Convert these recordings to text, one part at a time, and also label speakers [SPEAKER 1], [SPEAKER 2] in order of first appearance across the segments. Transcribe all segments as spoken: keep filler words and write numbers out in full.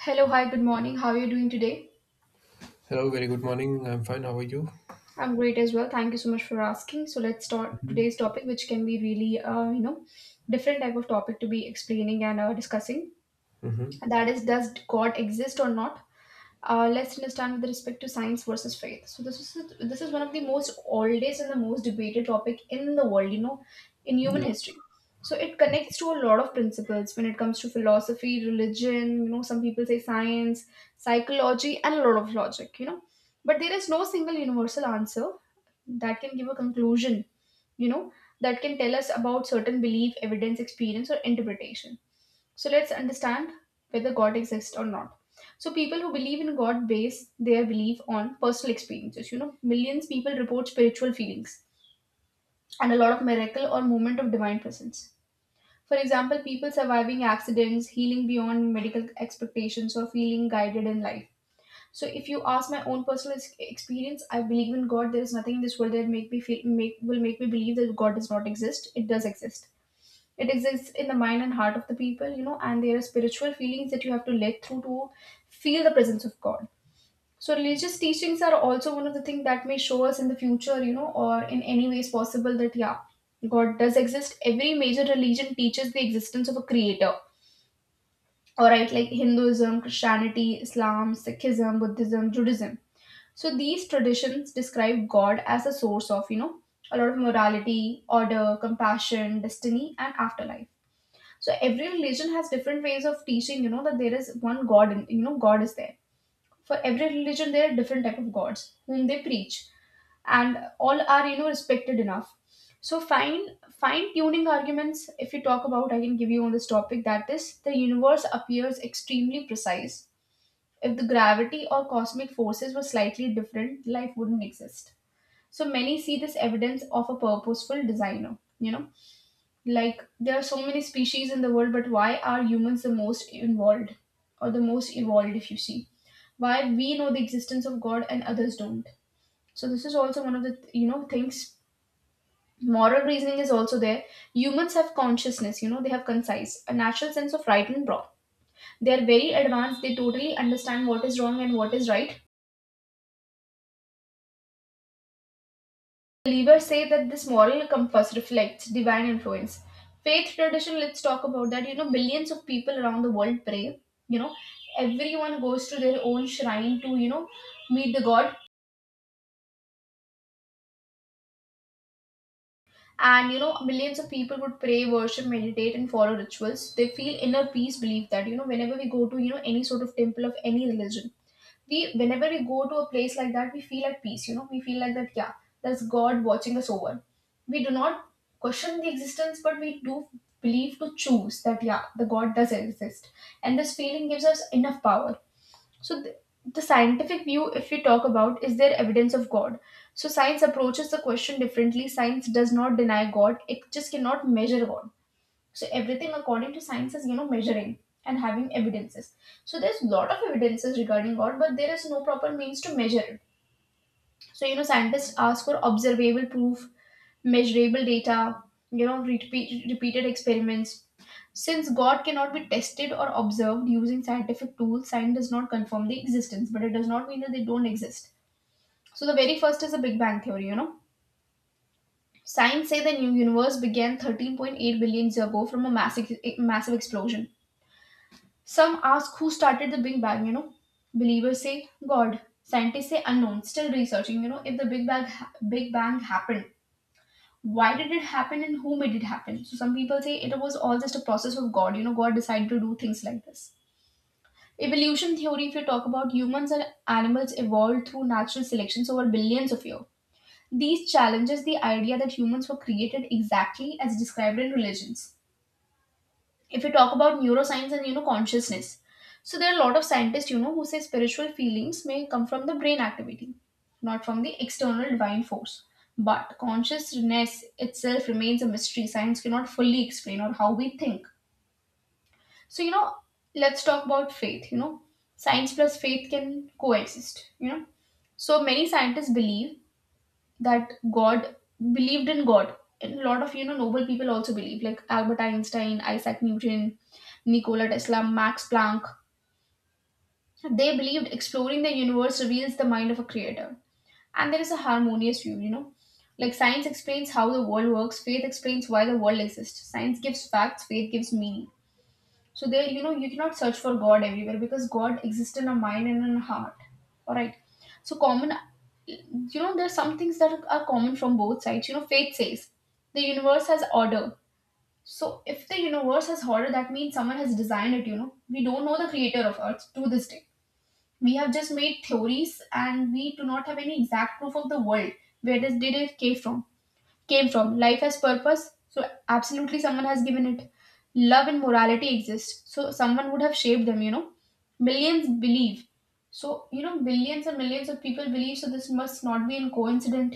[SPEAKER 1] Hello, hi, good morning. How are you doing today?
[SPEAKER 2] Hello, very good morning. I'm fine. How are you?
[SPEAKER 1] I'm great as well. Thank you so much for asking. So let's start today's topic, which can be really, uh, you know, different type of topic to be explaining and uh, discussing.
[SPEAKER 2] Mm-hmm.
[SPEAKER 1] And that is, does God exist or not? uh, let's understand with respect to science versus faith. So this is this is one of the most oldest and the most debated topic in the world, you know, in human
[SPEAKER 2] Yeah,
[SPEAKER 1] history. So it connects to a lot of principles when it comes to philosophy, religion. You know, some people say science, psychology, and a lot of logic. You know, but there is no single universal answer that can give a conclusion. You know, that can tell us about certain belief, evidence, experience, or interpretation. So let's understand whether God exists or not. So people who believe in God base their belief on personal experiences. You know, millions people report spiritual feelings and a lot of miracle or moment of divine presence. For example, people surviving accidents, healing beyond medical expectations, or feeling guided in life. So if you ask my own personal ex- experience, I believe in God. There is nothing in this world that make me feel make will make me believe that God does not exist. It does exist. It exists in the mind and heart of the people, you know, and there are spiritual feelings that you have to let through to feel the presence of God. So, religious teachings are also one of the things that may show us in the future, you know, or in any ways possible that, yeah, God does exist. Every major religion teaches the existence of a creator. All right, like Hinduism, Christianity, Islam, Sikhism, Buddhism, Judaism. So, these traditions describe God as a source of, you know, a lot of morality, order, compassion, destiny, and afterlife. So every religion has different ways of teaching, you know, that there is one god. In you know god is there. For every religion there are different type of gods whom they preach, and all are, you know, respected enough. So fine fine tuning arguments, if you talk about, I can give you on this topic, that is the universe appears extremely precise. If the gravity or cosmic forces were slightly different, life wouldn't exist. So many see this evidence of a purposeful designer, you know, like, there are so many species in the world, but why are humans the most involved or the most evolved, if you see? Why we know the existence of God and others don't. So, this is also one of the, you know, things. Moral reasoning is also there. Humans have consciousness, you know, they have concise, a natural sense of right and wrong. They are very advanced, they totally understand what is wrong and what is right. Believers say that this moral compass reflects divine influence. Faith tradition, let's talk about that. You know, billions of people around the world pray. You know, everyone goes to their own shrine to, you know, meet the God. And you know, millions of people would pray, worship, meditate, and follow rituals. They feel inner peace, believe that, you know, whenever we go to, you know, any sort of temple of any religion, we whenever we go to a place like that, we feel at peace. You know, we feel like that, yeah, there's god watching us over. We do not question the existence, but we do believe to choose that, yeah, the god does exist, and this feeling gives us enough power. So, th- the scientific view, if we talk about, is there evidence of God? So, science approaches the question differently. Science does not deny God, it just cannot measure God. So, everything according to science is, you know, measuring and having evidences. So, there's a lot of evidences regarding God, but there is no proper means to measure it. So, you know, scientists ask for observable proof, measurable data, you know, repeat, repeated experiments. Since God cannot be tested or observed using scientific tools, science does not confirm the existence, but it does not mean that they don't exist. So the very first is the Big Bang theory, you know. Science say the new universe began thirteen point eight billion years ago from a massive massive explosion. Some ask who started the Big Bang, you know. Believers say God. Scientists say unknown, still researching, you know, if the Big Bang ha- Big Bang happened. Why did it happen and who made it happen? So some people say it was all just a process of God, you know, God decided to do things like this. Evolution theory, if you talk about, humans and animals evolved through natural selections over billions of years. These challenges the idea that humans were created exactly as described in religions. If you talk about neuroscience and, you know, consciousness, so there are a lot of scientists, you know, who say spiritual feelings may come from the brain activity, not from the external divine force. But consciousness itself remains a mystery. Science cannot fully explain or how we think. So, you know, let's talk about faith. You know, science plus faith can coexist. You know, so many scientists believe that God believed in God, And a lot of, you know, noble people also believe, like Albert Einstein, Isaac Newton, Nikola Tesla, Max Planck. They believed exploring the universe reveals the mind of a creator, and there is a harmonious view. You know, like science explains how the world works, faith explains why the world exists. Science gives facts, faith gives meaning. So there, you know, you cannot search for God everywhere because God exists in a mind and in a heart. All right. So common, you know, there's some things that are common from both sides. You know, faith says the universe has order. So if the universe has order, that means someone has designed it. You know, we don't know the creator of Earth to this day. We have just made theories, and we do not have any exact proof of the world where this did it came from came from. Life has purpose, so absolutely someone has given it. Love and morality exist, so someone would have shaped them, you know. Millions believe. So, you know, billions and millions of people believe, so this must not be in coincident.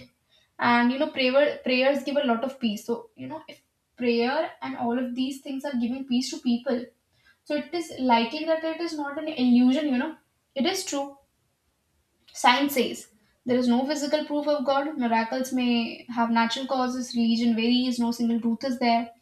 [SPEAKER 1] And you know, prayer prayers give a lot of peace. So, you know, if prayer and all of these things are giving peace to people, so it is likely that it is not an illusion, you know. It is true. Science says there is no physical proof of God. Miracles may have natural causes. Religion varies. No single truth is there.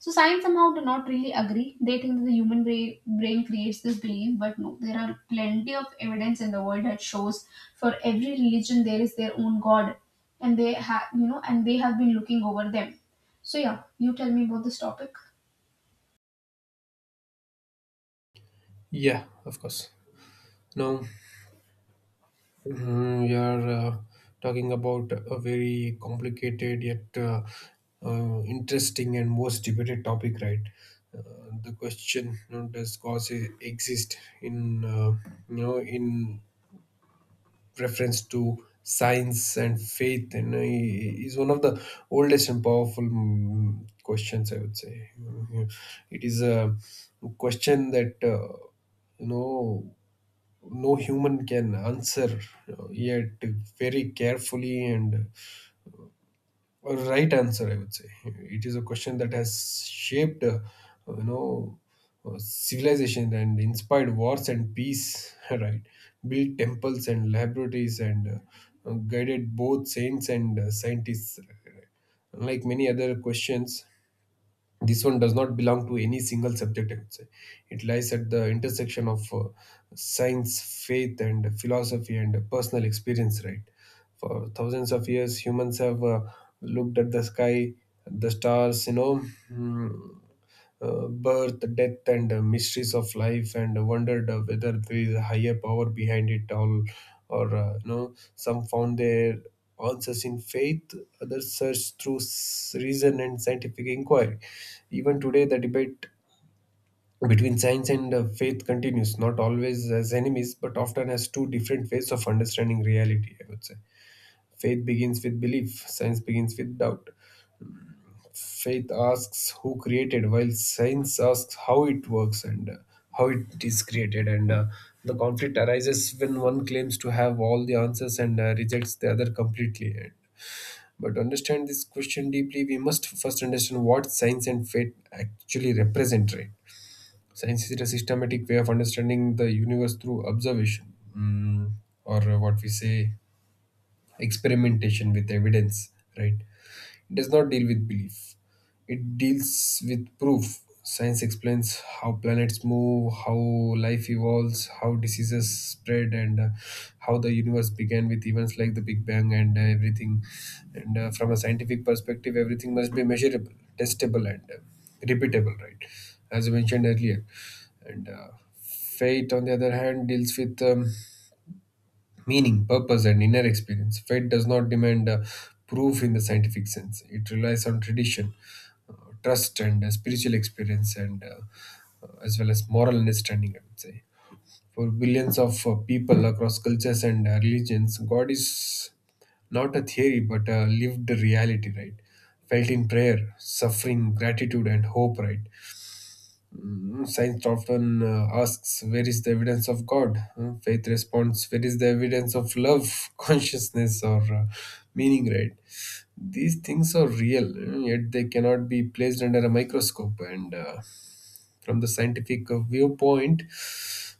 [SPEAKER 1] So science somehow do not really agree. They think that the human brain, brain creates this belief, but no, there are plenty of evidence in the world that shows for every religion there is their own God, and they have, you know, and they have been looking over them. So yeah, you tell me about this topic.
[SPEAKER 2] yeah, of course. Now, mm, we are uh, talking about a very complicated yet uh, uh, interesting and most debated topic, right? Uh, the question you know, does cause e- exist in uh, you know in preference to science and faith, and uh, is one of the oldest and powerful mm, questions, I would say. Mm, it is a question that uh, you know no human can answer uh, yet very carefully, and a right answer, I would say. It is a question that has shaped uh, you know uh, civilization and inspired wars and peace, right, built temples and laboratories, and uh, uh, guided both saints and uh, scientists, right? Unlike many other questions, this one does not belong to any single subject, I would say. It lies at the intersection of uh, science, faith, and philosophy, and personal experience, right? For thousands of years, humans have uh, looked at the sky, the stars, you know mm, uh, birth, death, and uh, mysteries of life, and wondered uh, whether there is a higher power behind it all, or uh, you know, some found their answers in faith, others searched through s- reason and scientific inquiry. Even today, the debate between science and uh, faith continues, not always as enemies, but often as two different ways of understanding reality, I would say. Faith begins with belief, science begins with doubt. Faith asks who created, while science asks how it works and uh, how it is created. And uh, the conflict arises when one claims to have all the answers and uh, rejects the other completely. And, but to understand this question deeply, we must first understand what science and faith actually represent, right? Science is a systematic way of understanding the universe through observation, mm, or uh, what we say experimentation, with evidence, right? It does not deal with belief, it deals with proof. Science explains how planets move, how life evolves, how diseases spread, and uh, how the universe began with events like the Big Bang, and uh, everything. And uh, from a scientific perspective, everything must be measurable, testable, and uh, repeatable, right? As I mentioned earlier. And uh, fate, on the other hand, deals with um, meaning, purpose, and inner experience. Faith does not demand uh, proof in the scientific sense, it relies on tradition, uh, trust, and uh, spiritual experience, and uh, uh, as well as moral understanding, I would say. For billions of uh, people across cultures and uh, religions, God is not a theory but a lived reality, right? Felt in prayer, suffering, gratitude, and hope, right? Mm, Science often uh, asks, "Where is the evidence of God?" Uh, Faith responds, "Where is the evidence of love, consciousness, or uh, meaning," right? These things are real, uh, yet they cannot be placed under a microscope. And uh, from the scientific uh, viewpoint,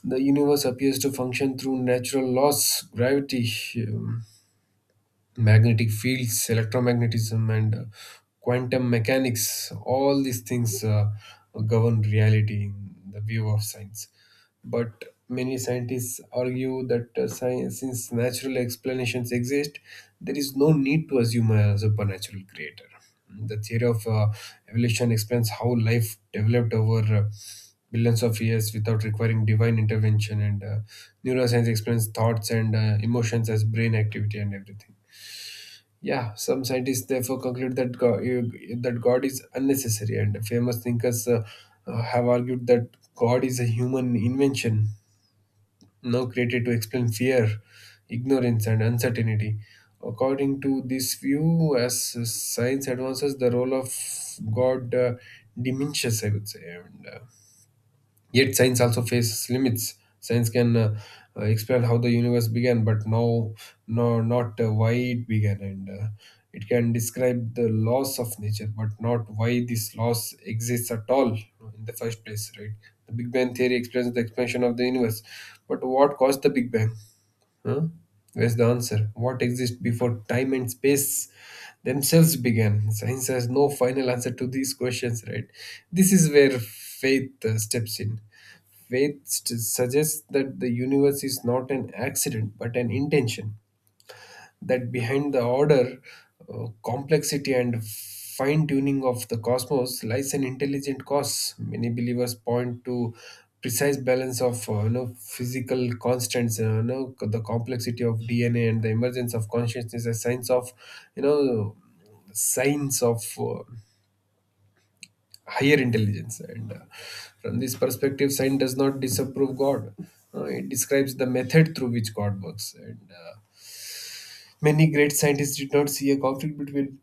[SPEAKER 2] the universe appears to function through natural laws: gravity, um, magnetic fields, electromagnetism, and uh, quantum mechanics. All these things uh, govern reality in the view of science. But many scientists argue that uh, science, since natural explanations exist, there is no need to assume a supernatural creator. The theory of uh, evolution explains how life developed over uh, billions of years without requiring divine intervention, and uh, neuroscience explains thoughts and uh, emotions as brain activity, and everything. Yeah, some scientists therefore conclude that God, that God is unnecessary, and famous thinkers uh, uh, have argued that God is a human invention, now created to explain fear, ignorance, and uncertainty. According to this view, as science advances, the role of God uh, diminishes, I would say. And uh, yet science also faces limits. Science can uh, uh, explain how the universe began, but no, no, not uh, why it began, and uh, it can describe the laws of nature, but not why this laws exists at all in the first place. Right? The Big Bang theory explains the expansion of the universe, but what caused the Big Bang? Huh? Where's the answer? What exists before time and space themselves began? Science has no final answer to these questions, right? This is where faith uh, steps in. Faith st- suggests that the universe is not an accident but an intention, that behind the order, uh, complexity, and fine tuning of the cosmos lies an intelligent cause. Many believers point to precise balance of uh, you know, physical constants, uh, you know, the complexity of D N A, and the emergence of consciousness as signs of, you know, signs of uh, higher intelligence. And uh, from this perspective, science does not disapprove God. Uh, it describes the method through which God works. And uh, many great scientists did not see a conflict between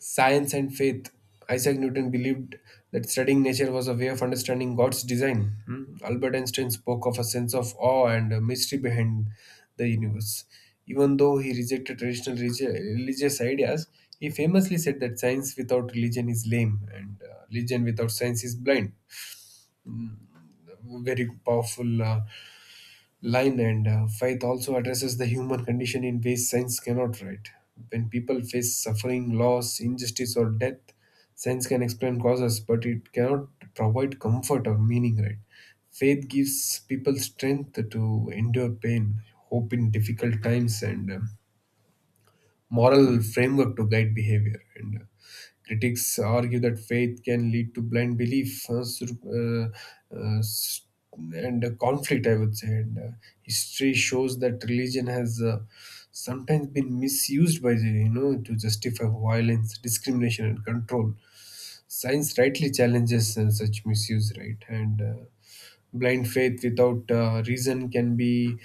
[SPEAKER 2] science and faith. Isaac Newton believed that studying nature was a way of understanding God's design. Hmm. Albert Einstein spoke of a sense of awe and a mystery behind the universe. Even though he rejected traditional religi- religious ideas, he famously said that science without religion is lame, and uh, religion without science is blind. Very powerful uh, line. And uh, faith also addresses the human condition in ways science cannot, right? When people face suffering, loss, injustice, or death, science can explain causes, but it cannot provide comfort or meaning, right? Faith gives people strength to endure pain, hope in difficult times, and um, moral framework to guide behavior. And uh, critics argue that faith can lead to blind belief, uh, sur- uh, uh, s- and uh, conflict, I would say. And uh, history shows that religion has uh, sometimes been misused by the, you know to justify violence, discrimination, and control. Science rightly challenges uh, such misuse, right? And uh, blind faith without uh, reason can be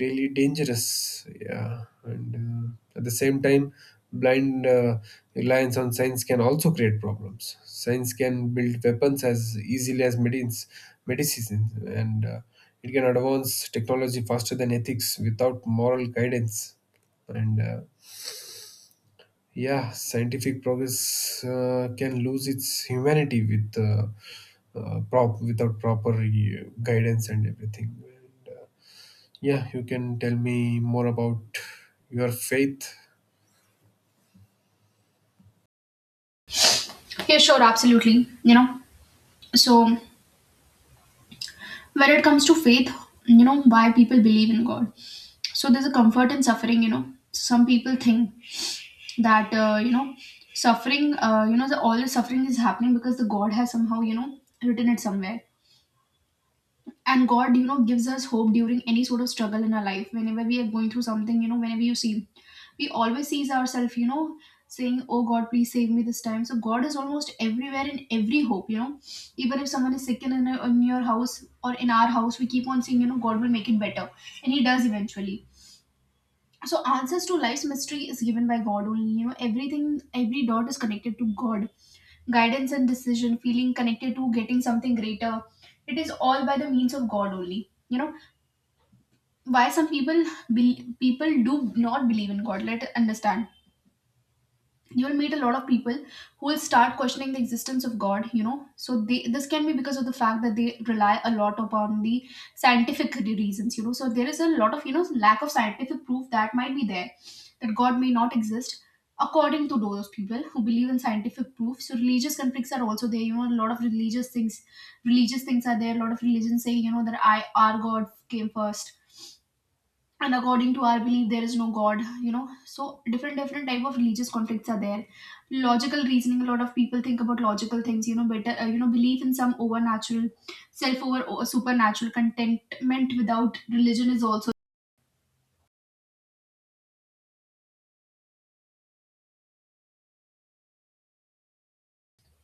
[SPEAKER 2] really dangerous. Yeah. And uh, at the same time, blind uh, reliance on science can also create problems. Science can build weapons as easily as medicines medicines, and uh, it can advance technology faster than ethics without moral guidance. And uh, yeah, scientific progress uh, can lose its humanity with uh, uh, prop without proper uh, guidance and everything. And, uh, yeah, you can tell me more about your faith.
[SPEAKER 1] Yeah, sure, absolutely. You know, so when it comes to faith, you know, why people believe in god. So there's a comfort in suffering, you know. Some people think that, uh, you know, suffering, uh, you know, the all the suffering is happening because the god has somehow, you know, written it somewhere. And god, you know, gives us hope during any sort of struggle in our life. Whenever we are going through something, you know, whenever you see, we always sees ourselves, you know, saying, oh god, please save me this time. So god is almost everywhere in every hope, you know. Even if someone is sick in, in, in your house or in our house, we keep on saying, you know, god will make it better, and he does eventually. So answers to life's mystery is given by god only, you know. Everything, every dot is connected to god, guidance and decision, feeling connected to getting something greater. It is all by the means of god only, you know. Why some people be people do not believe in god, let it understand. You will meet a lot of people who will start questioning the existence of god, you know. So they, this can be because of the fact that they rely a lot upon the scientific reasons, you know. So there is a lot of, you know, lack of scientific proof that might be there, that god may not exist, according to those people who believe in scientific proof. So religious conflicts are also there, you know. A lot of religious things religious things are there. A lot of religions say, you know, that I our god came first, and according to our belief there is no god, you know. So different different type of religious conflicts are there. Logical reasoning, a lot of people think about Logical things, you know better uh, you know belief in some overnatural self over supernatural contentment without religion is also.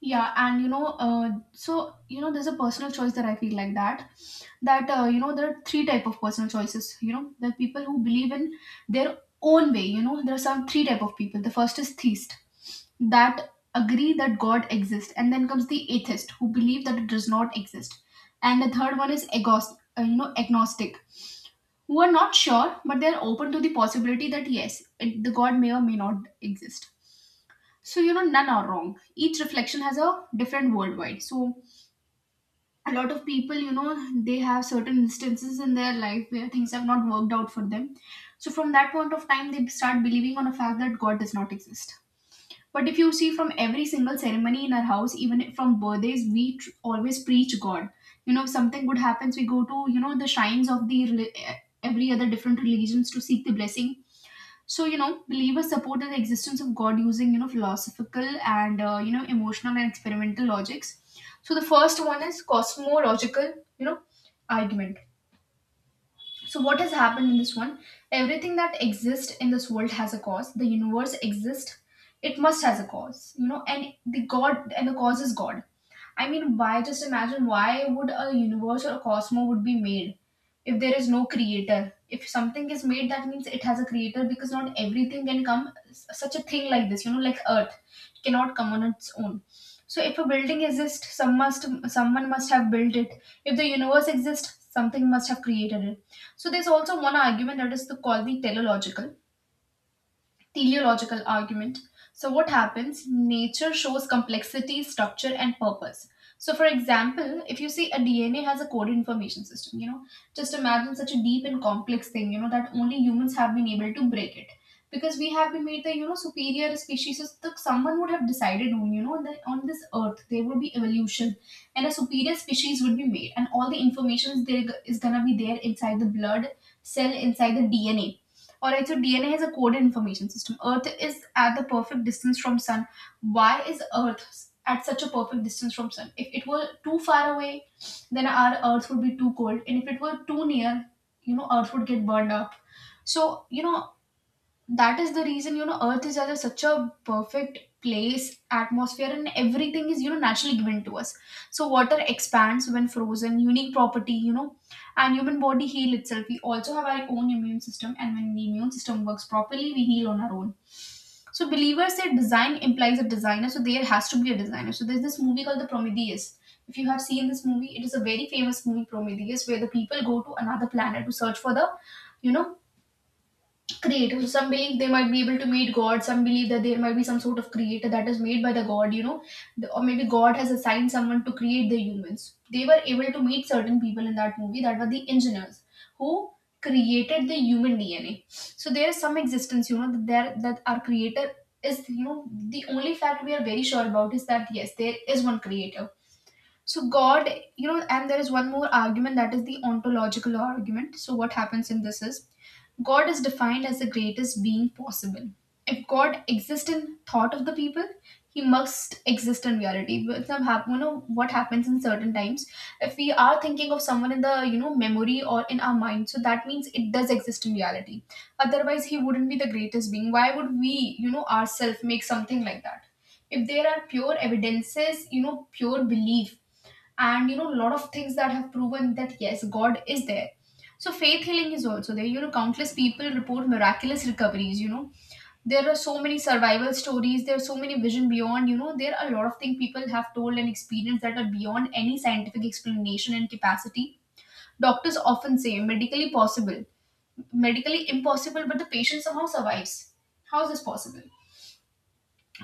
[SPEAKER 1] Yeah, and you know, uh, so you know, there's a personal choice that I feel like that. That uh, you know, there are three type of personal choices. You know, there are people who believe in their own way. You know, there are some three type of people. The first is theist, that agree that God exists, and then comes the atheist, who believe that it does not exist, and the third one is agos- uh, you know, agnostic, who are not sure, but they're open to the possibility that yes, it, the God may or may not exist. So you know none are wrong. Each reflection has a different worldwide. So a lot of people, you know they have certain instances in their life where things have not worked out for them, so from that point of time they start believing on a fact that God does not exist. But if you see, from every single ceremony in our house, even from birthdays, we tr- always preach God. You know if something good happens, we go to you know the shrines of the reli- eh, every other different religions to seek the blessing. So you know believers supported the existence of God using you know philosophical and, uh, you know emotional and experimental logics. So the first one is cosmological, you know argument. So what has happened in this one? Everything that exists in this world has a cause. The universe exists, it must has a cause, you know, and the God and the cause is God. I mean, why, just imagine, why would a universe or a cosmos would be made if there is no creator? If something is made, that means it has a creator, because not everything can come such a thing like this, you know, like Earth cannot come on its own. So if a building exists, some must someone must have built it. If the universe exists, something must have created it. So there's also one argument that is the, called the teleological teleological argument. So what happens? Nature shows complexity, structure, and purpose. So, for example, if you see, a D N A has a coded information system, you know, just imagine such a deep and complex thing, you know, that only humans have been able to break it. Because we have been made the, you know, superior species. So, th- someone would have decided, on, you know, that on this earth, there would be evolution and a superior species would be made. And all the information is, there, is gonna be there inside the blood cell, inside the D N A. All right, so D N A has a coded information system. Earth is at the perfect distance from sun. Why is Earth at such a perfect distance from sun? If it were too far away, then our Earth would be too cold, and if it were too near, you know, Earth would get burned up. So you know, that is the reason, you know, earth is just such a perfect place. Atmosphere and everything is, you know, naturally given to us. So water expands when frozen, unique property, you know. And human body heal itself. We also have our own immune system, and when the immune system works properly, we heal on our own. So believers say design implies a designer, so there has to be a designer. So there's this movie called the Prometheus. If you have seen this movie, it is a very famous movie, Prometheus, where the people go to another planet to search for the, you know creative. So some believe they might be able to meet God. Some believe that there might be some sort of creator that is made by the God, you know, The- or maybe God has assigned someone to create the humans. They were able to meet certain people in that movie that were the engineers who created the human D N A. So there is some existence, you know, that there that our creator is, you know, the only fact we are very sure about is that yes, there is one creator. So God, you know, and there is one more argument that is the ontological argument. So what happens in this is, God is defined as the greatest being possible. If God exists in thought of the people, he must exist in reality. But some hap- you know what happens in certain times. If we are thinking of someone in the, you know, memory or in our mind, so that means it does exist in reality. Otherwise, he wouldn't be the greatest being. Why would we, you know, ourselves make something like that? If there are pure evidences, you know, pure belief, and you know, a lot of things that have proven that yes, God is there. So faith healing is also there, you know, countless people report miraculous recoveries, you know, there are so many survival stories, there are so many vision beyond, you know, there are a lot of things people have told and experienced that are beyond any scientific explanation and capacity. Doctors often say medically possible, medically impossible, but the patient somehow survives. How is this possible?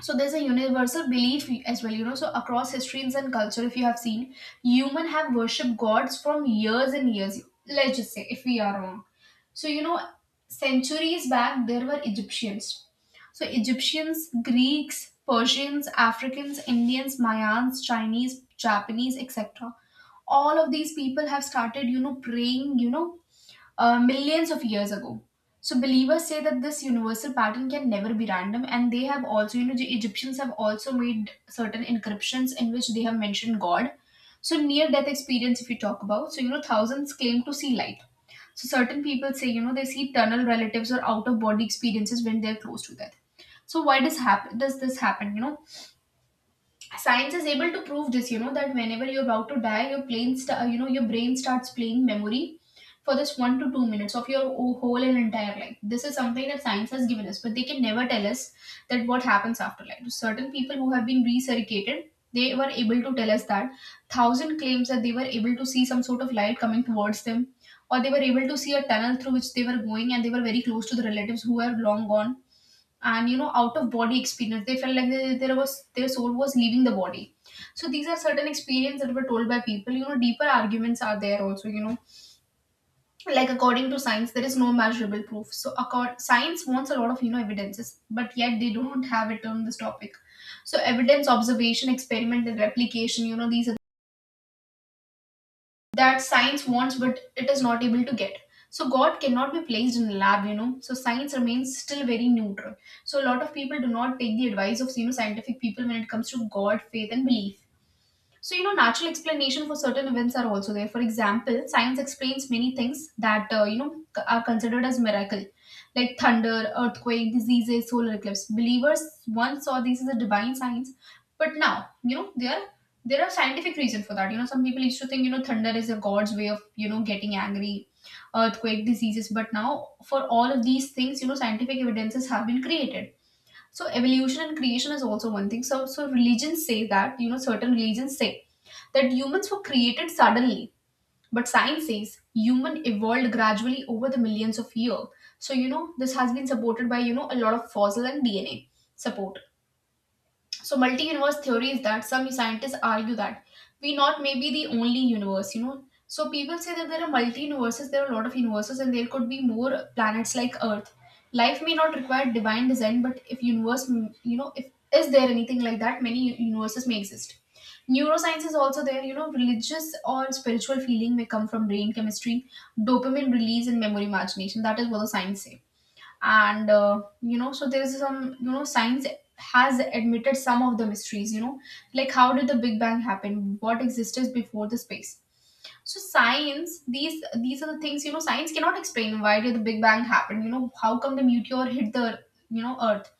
[SPEAKER 1] So there's a universal belief as well, you know, so across histories and culture, if you have seen, human have worshipped gods from years and years. Let's just say if we are wrong. So you know, centuries back there were Egyptians. So Egyptians, Greeks, Persians, Africans, Indians, Mayans, Chinese, Japanese, etc., all of these people have started, you know, praying, you know uh, millions of years ago. So believers say that this universal pattern can never be random, and they have also, you know, the Egyptians have also made certain encryptions in which they have mentioned God. So near-death experience, if you talk about, so you know, thousands claim to see light. So certain people say, you know, they see tunnel relatives or out-of-body experiences when they're close to death. So why does happen? Does this happen? You know, science is able to prove this, you know, that whenever you're about to die, your brain st- you know, your brain starts playing memory for this one to two minutes of your o- whole and entire life. This is something that science has given us, but they can never tell us that what happens after life. Certain people who have been recircuited, they were able to tell us that thousand claims that they were able to see some sort of light coming towards them, or they were able to see a tunnel through which they were going, and they were very close to the relatives who were long gone. And you know, out of body experience, they felt like they, there was their soul was leaving the body. So these are certain experiences that were told by people. You know, deeper arguments are there also, you know, like according to science there is no measurable proof. So accord, science wants a lot of, you know, evidences, but yet they don't have it on this topic. So evidence, observation, experiment, and replication, you know, these that science wants, but it is not able to get. So God cannot be placed in a lab, you know, so science remains still very neutral. So a lot of people do not take the advice of, you know, scientific people when it comes to God, faith and belief. So, you know, natural explanation for certain events are also there. For example, science explains many things that, uh, you know, c- are considered as miracle, like thunder, earthquake, diseases, solar eclipse. Believers once saw these as a divine signs, but now, you know, there there are scientific reason for that. You know, some people used to think, you know, thunder is a god's way of, you know, getting angry, earthquake, diseases, but now for all of these things, you know, scientific evidences have been created. So evolution and creation is also one thing. So so religions say that, you know, certain religions say that humans were created suddenly, but science says human evolved gradually over the millions of years. So you know, this has been supported by, you know, a lot of fossil and D N A support. So multi-universe theory is that some scientists argue that we not may be the only universe, you know. So people say that there are multi-universes, there are a lot of universes, and there could be more planets like Earth. Life may not require divine design, but if universe, mm, you know, if is there anything like that, many u- universes may exist. Neuroscience is also there, you know, religious or spiritual feeling may come from brain chemistry, dopamine release, and memory imagination. That is what the science say. And uh, you know so there's some, you know, science has admitted some of the mysteries, you know, like how did the big bang happen, what existed before the space. So science, these these are the things, you know, science cannot explain. Why did the big bang happen, you know, how come the meteor hit the, you know, earth.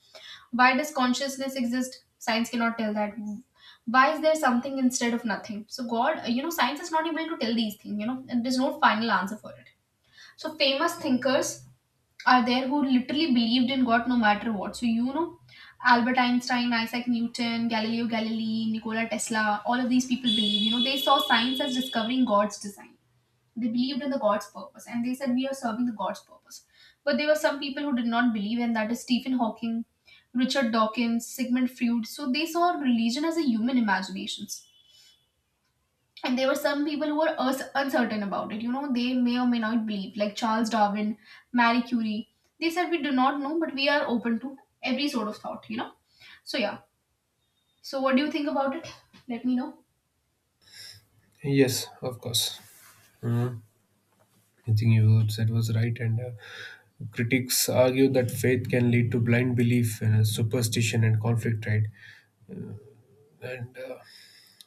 [SPEAKER 1] Why does consciousness exist, science cannot tell that. Why is there something instead of nothing? So God, you know, science is not able to tell these things, you know, and there's no final answer for it. So famous thinkers are there who literally believed in God no matter what. So, you know, Albert Einstein, Isaac Newton, Galileo Galilei, Nikola Tesla, all of these people believe, you know, they saw science as discovering God's design. They believed in the God's purpose, and they said, "We are serving the God's purpose." But there were some people who did not believe, and that is Stephen Hawking, Richard Dawkins, Sigmund Freud. So they saw religion as a human imagination.s And there were some people who were us- uncertain about it, you know, they may or may not believe, like Charles Darwin, Marie Curie. They said we do not know, but we are open to every sort of thought, you know. So yeah, so what do you think about it? Let me know.
[SPEAKER 2] Yes, of course. Mhm. I think you said was right. And uh, critics argue that faith can lead to blind belief, uh, superstition, and conflict, right? And uh,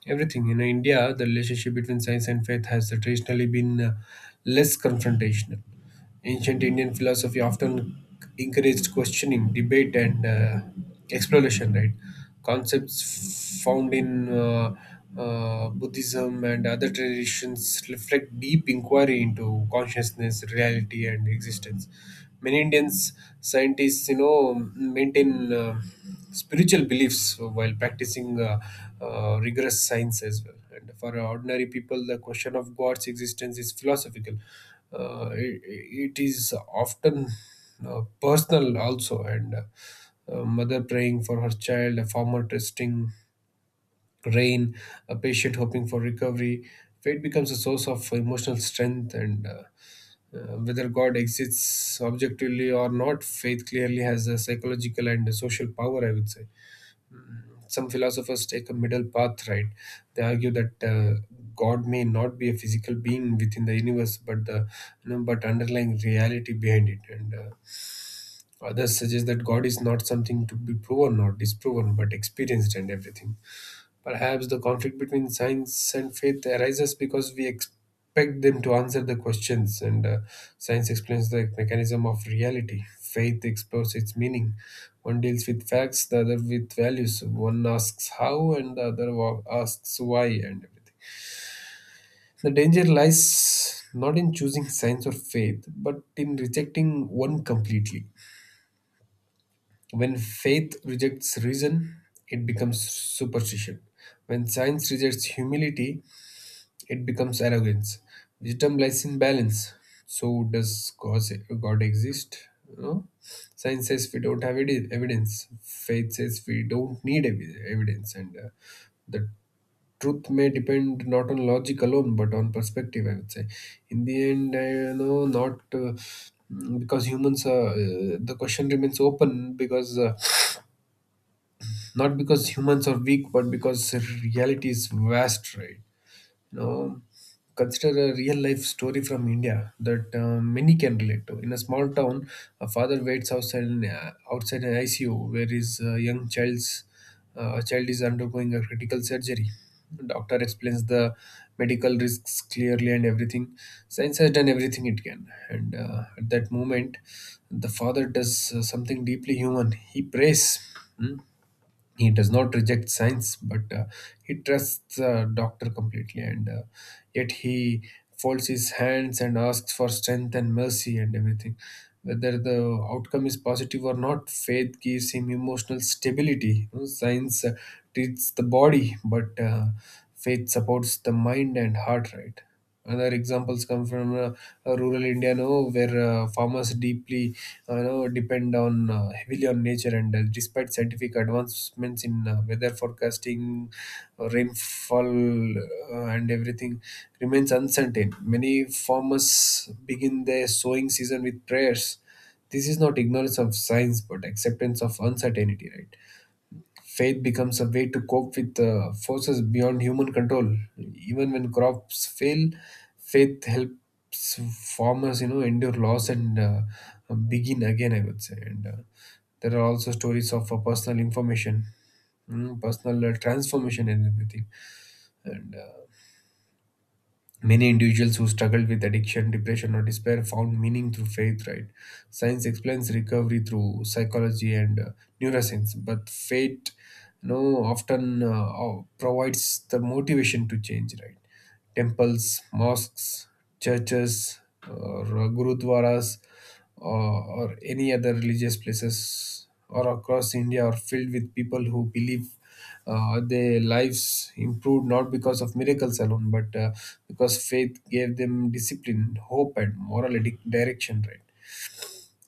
[SPEAKER 2] everything. In India, the relationship between science and faith has traditionally been uh, less confrontational. Ancient Indian philosophy often encouraged questioning, debate, and uh, exploration, right? Concepts found in uh, uh, Buddhism and other traditions reflect deep inquiry into consciousness, reality, and existence. Many Indians scientists, you know, maintain uh, spiritual beliefs while practicing uh, uh, rigorous science as well. And for ordinary people, the question of God's existence is philosophical. Uh, it, it is often uh, personal also, and uh, a mother praying for her child, a farmer trusting rain, a patient hoping for recovery. Faith becomes a source of emotional strength, and uh, uh, whether God exists objectively or not, faith clearly has a psychological and a social power, I would say. Some philosophers take a middle path, right? They argue that uh, God may not be a physical being within the universe, but the you know, but underlying reality behind it. And uh, others suggest that God is not something to be proven or disproven, but experienced, and everything. Perhaps the conflict between science and faith arises because we expect them to answer the questions, and uh, science explains the mechanism of reality. Faith explores its meaning. One deals with facts, the other with values. One asks how, and the other wa- asks why, and everything. The danger lies not in choosing science or faith, but in rejecting one completely. When faith rejects reason, it becomes superstition. When science rejects humility, it becomes arrogance. Wisdom lies in balance. So does cause God exist? No. Science says we don't have edi- evidence. Faith says we don't need evi- evidence, and uh, the truth may depend not on logic alone but on perspective, I would say. In the end, I you know not. Uh, mm, because humans are uh, the question remains open, because uh, not because humans are weak but because reality is vast, right? You know, consider a real life story from India that uh, many can relate to. In a small town, a father waits outside an, uh, outside an I C U where his uh, young child's uh, child is undergoing a critical surgery. Doctor explains the medical risks clearly, and everything. Science has done everything it can, and uh, at that moment, the father does uh, something deeply human: he prays. Hmm? He does not reject science, but uh, he trusts the doctor completely, and uh, yet he folds his hands and asks for strength and mercy and everything. Whether the outcome is positive or not, faith gives him emotional stability. You know, science uh, treats the body, but uh, faith supports the mind and heart, right? Other examples come from uh, uh, rural India, no, where uh, farmers deeply, uh, you know, depend on uh, heavily on nature, and uh, despite scientific advancements in uh, weather forecasting, uh, rainfall, uh, and everything, remains uncertain. Many farmers begin their sowing season with prayers. This is not ignorance of science, but acceptance of uncertainty, right? Faith becomes a way to cope with uh, forces beyond human control. Even when crops fail, faith helps farmers, you know, endure loss, and uh, begin again, I would say. And uh, There are also stories of uh, personal information, mm, personal uh, transformation, and everything. And uh, Many individuals who struggled with addiction, depression, or despair found meaning through faith, right? Science explains recovery through psychology and uh, neuroscience, but faith, you know, often uh, uh, provides the motivation to change, right? Temples, mosques, churches, or uh, gurudwaras, or, or any other religious places or across India are filled with people who believe uh, their lives improved, not because of miracles alone, but uh, because faith gave them discipline, hope, and moral edi- direction. Right.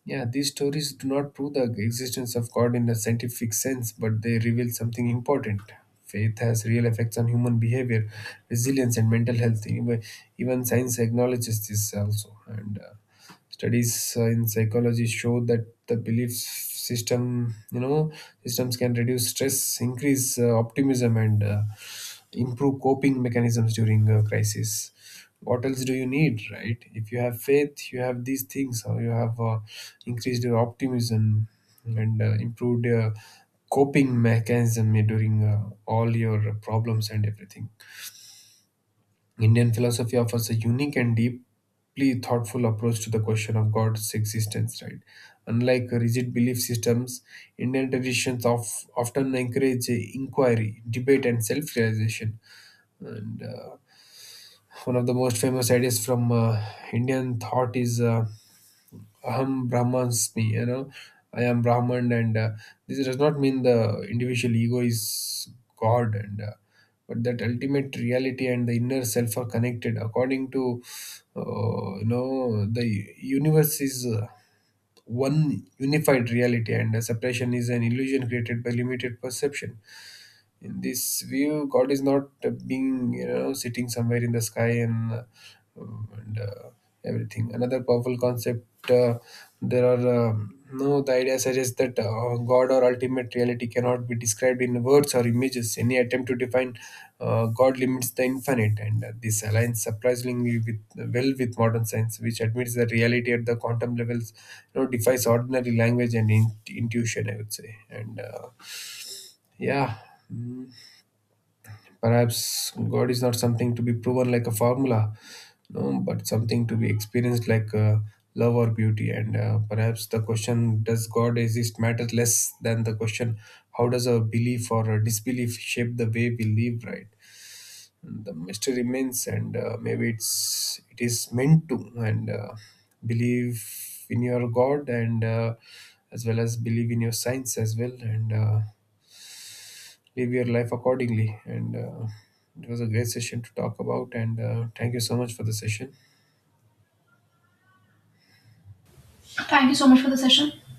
[SPEAKER 2] Yeah, these stories do not prove the existence of God in a scientific sense, but they reveal something important. Faith has real effects on human behavior, resilience, and mental health. Even even science acknowledges this also. And uh, Studies uh, in psychology show that the belief system, you know, systems can reduce stress, increase uh, optimism, and uh, improve coping mechanisms during a crisis. What else do you need, right? If you have faith, you have these things, or you have uh, increased your optimism and uh, improved your coping mechanism during uh, all your problems and everything. Indian philosophy offers a unique and deeply thoughtful approach to the question of God's existence, right? Unlike rigid belief systems, Indian traditions of, often encourage inquiry, debate, and self-realization. And uh, One of the most famous ideas from uh, Indian thought is uh, Aham Brahmasmi, you know, I am Brahman, and uh, this does not mean the individual ego is God, and uh, but that ultimate reality and the inner self are connected. According to uh, you know, the universe is uh, one unified reality, and uh, separation is an illusion created by limited perception. In this view, God is not uh, being, you know, sitting somewhere in the sky and, uh, and uh, everything. Another powerful concept, uh, there are um, no the idea suggests that uh, God or ultimate reality cannot be described in words or images. Any attempt to define uh, God limits the infinite, and uh, this aligns surprisingly with well with modern science, which admits that reality at the quantum levels, you know, defies ordinary language and in- intuition, I would say. And uh, Yeah. Mm. Perhaps God is not something to be proven like a formula, no, but something to be experienced like uh, love or beauty. And uh, Perhaps the question, does God exist, matters less than the question, how does our belief or our disbelief shape the way we live, right? And the mystery remains, and uh, maybe it's it is meant to. And uh, Believe in your God, and uh, as well as believe in your science as well, and. Uh, live your life accordingly. And uh, It was a great session to talk about. And uh, Thank you so much for the session.
[SPEAKER 1] Thank you so much for the session.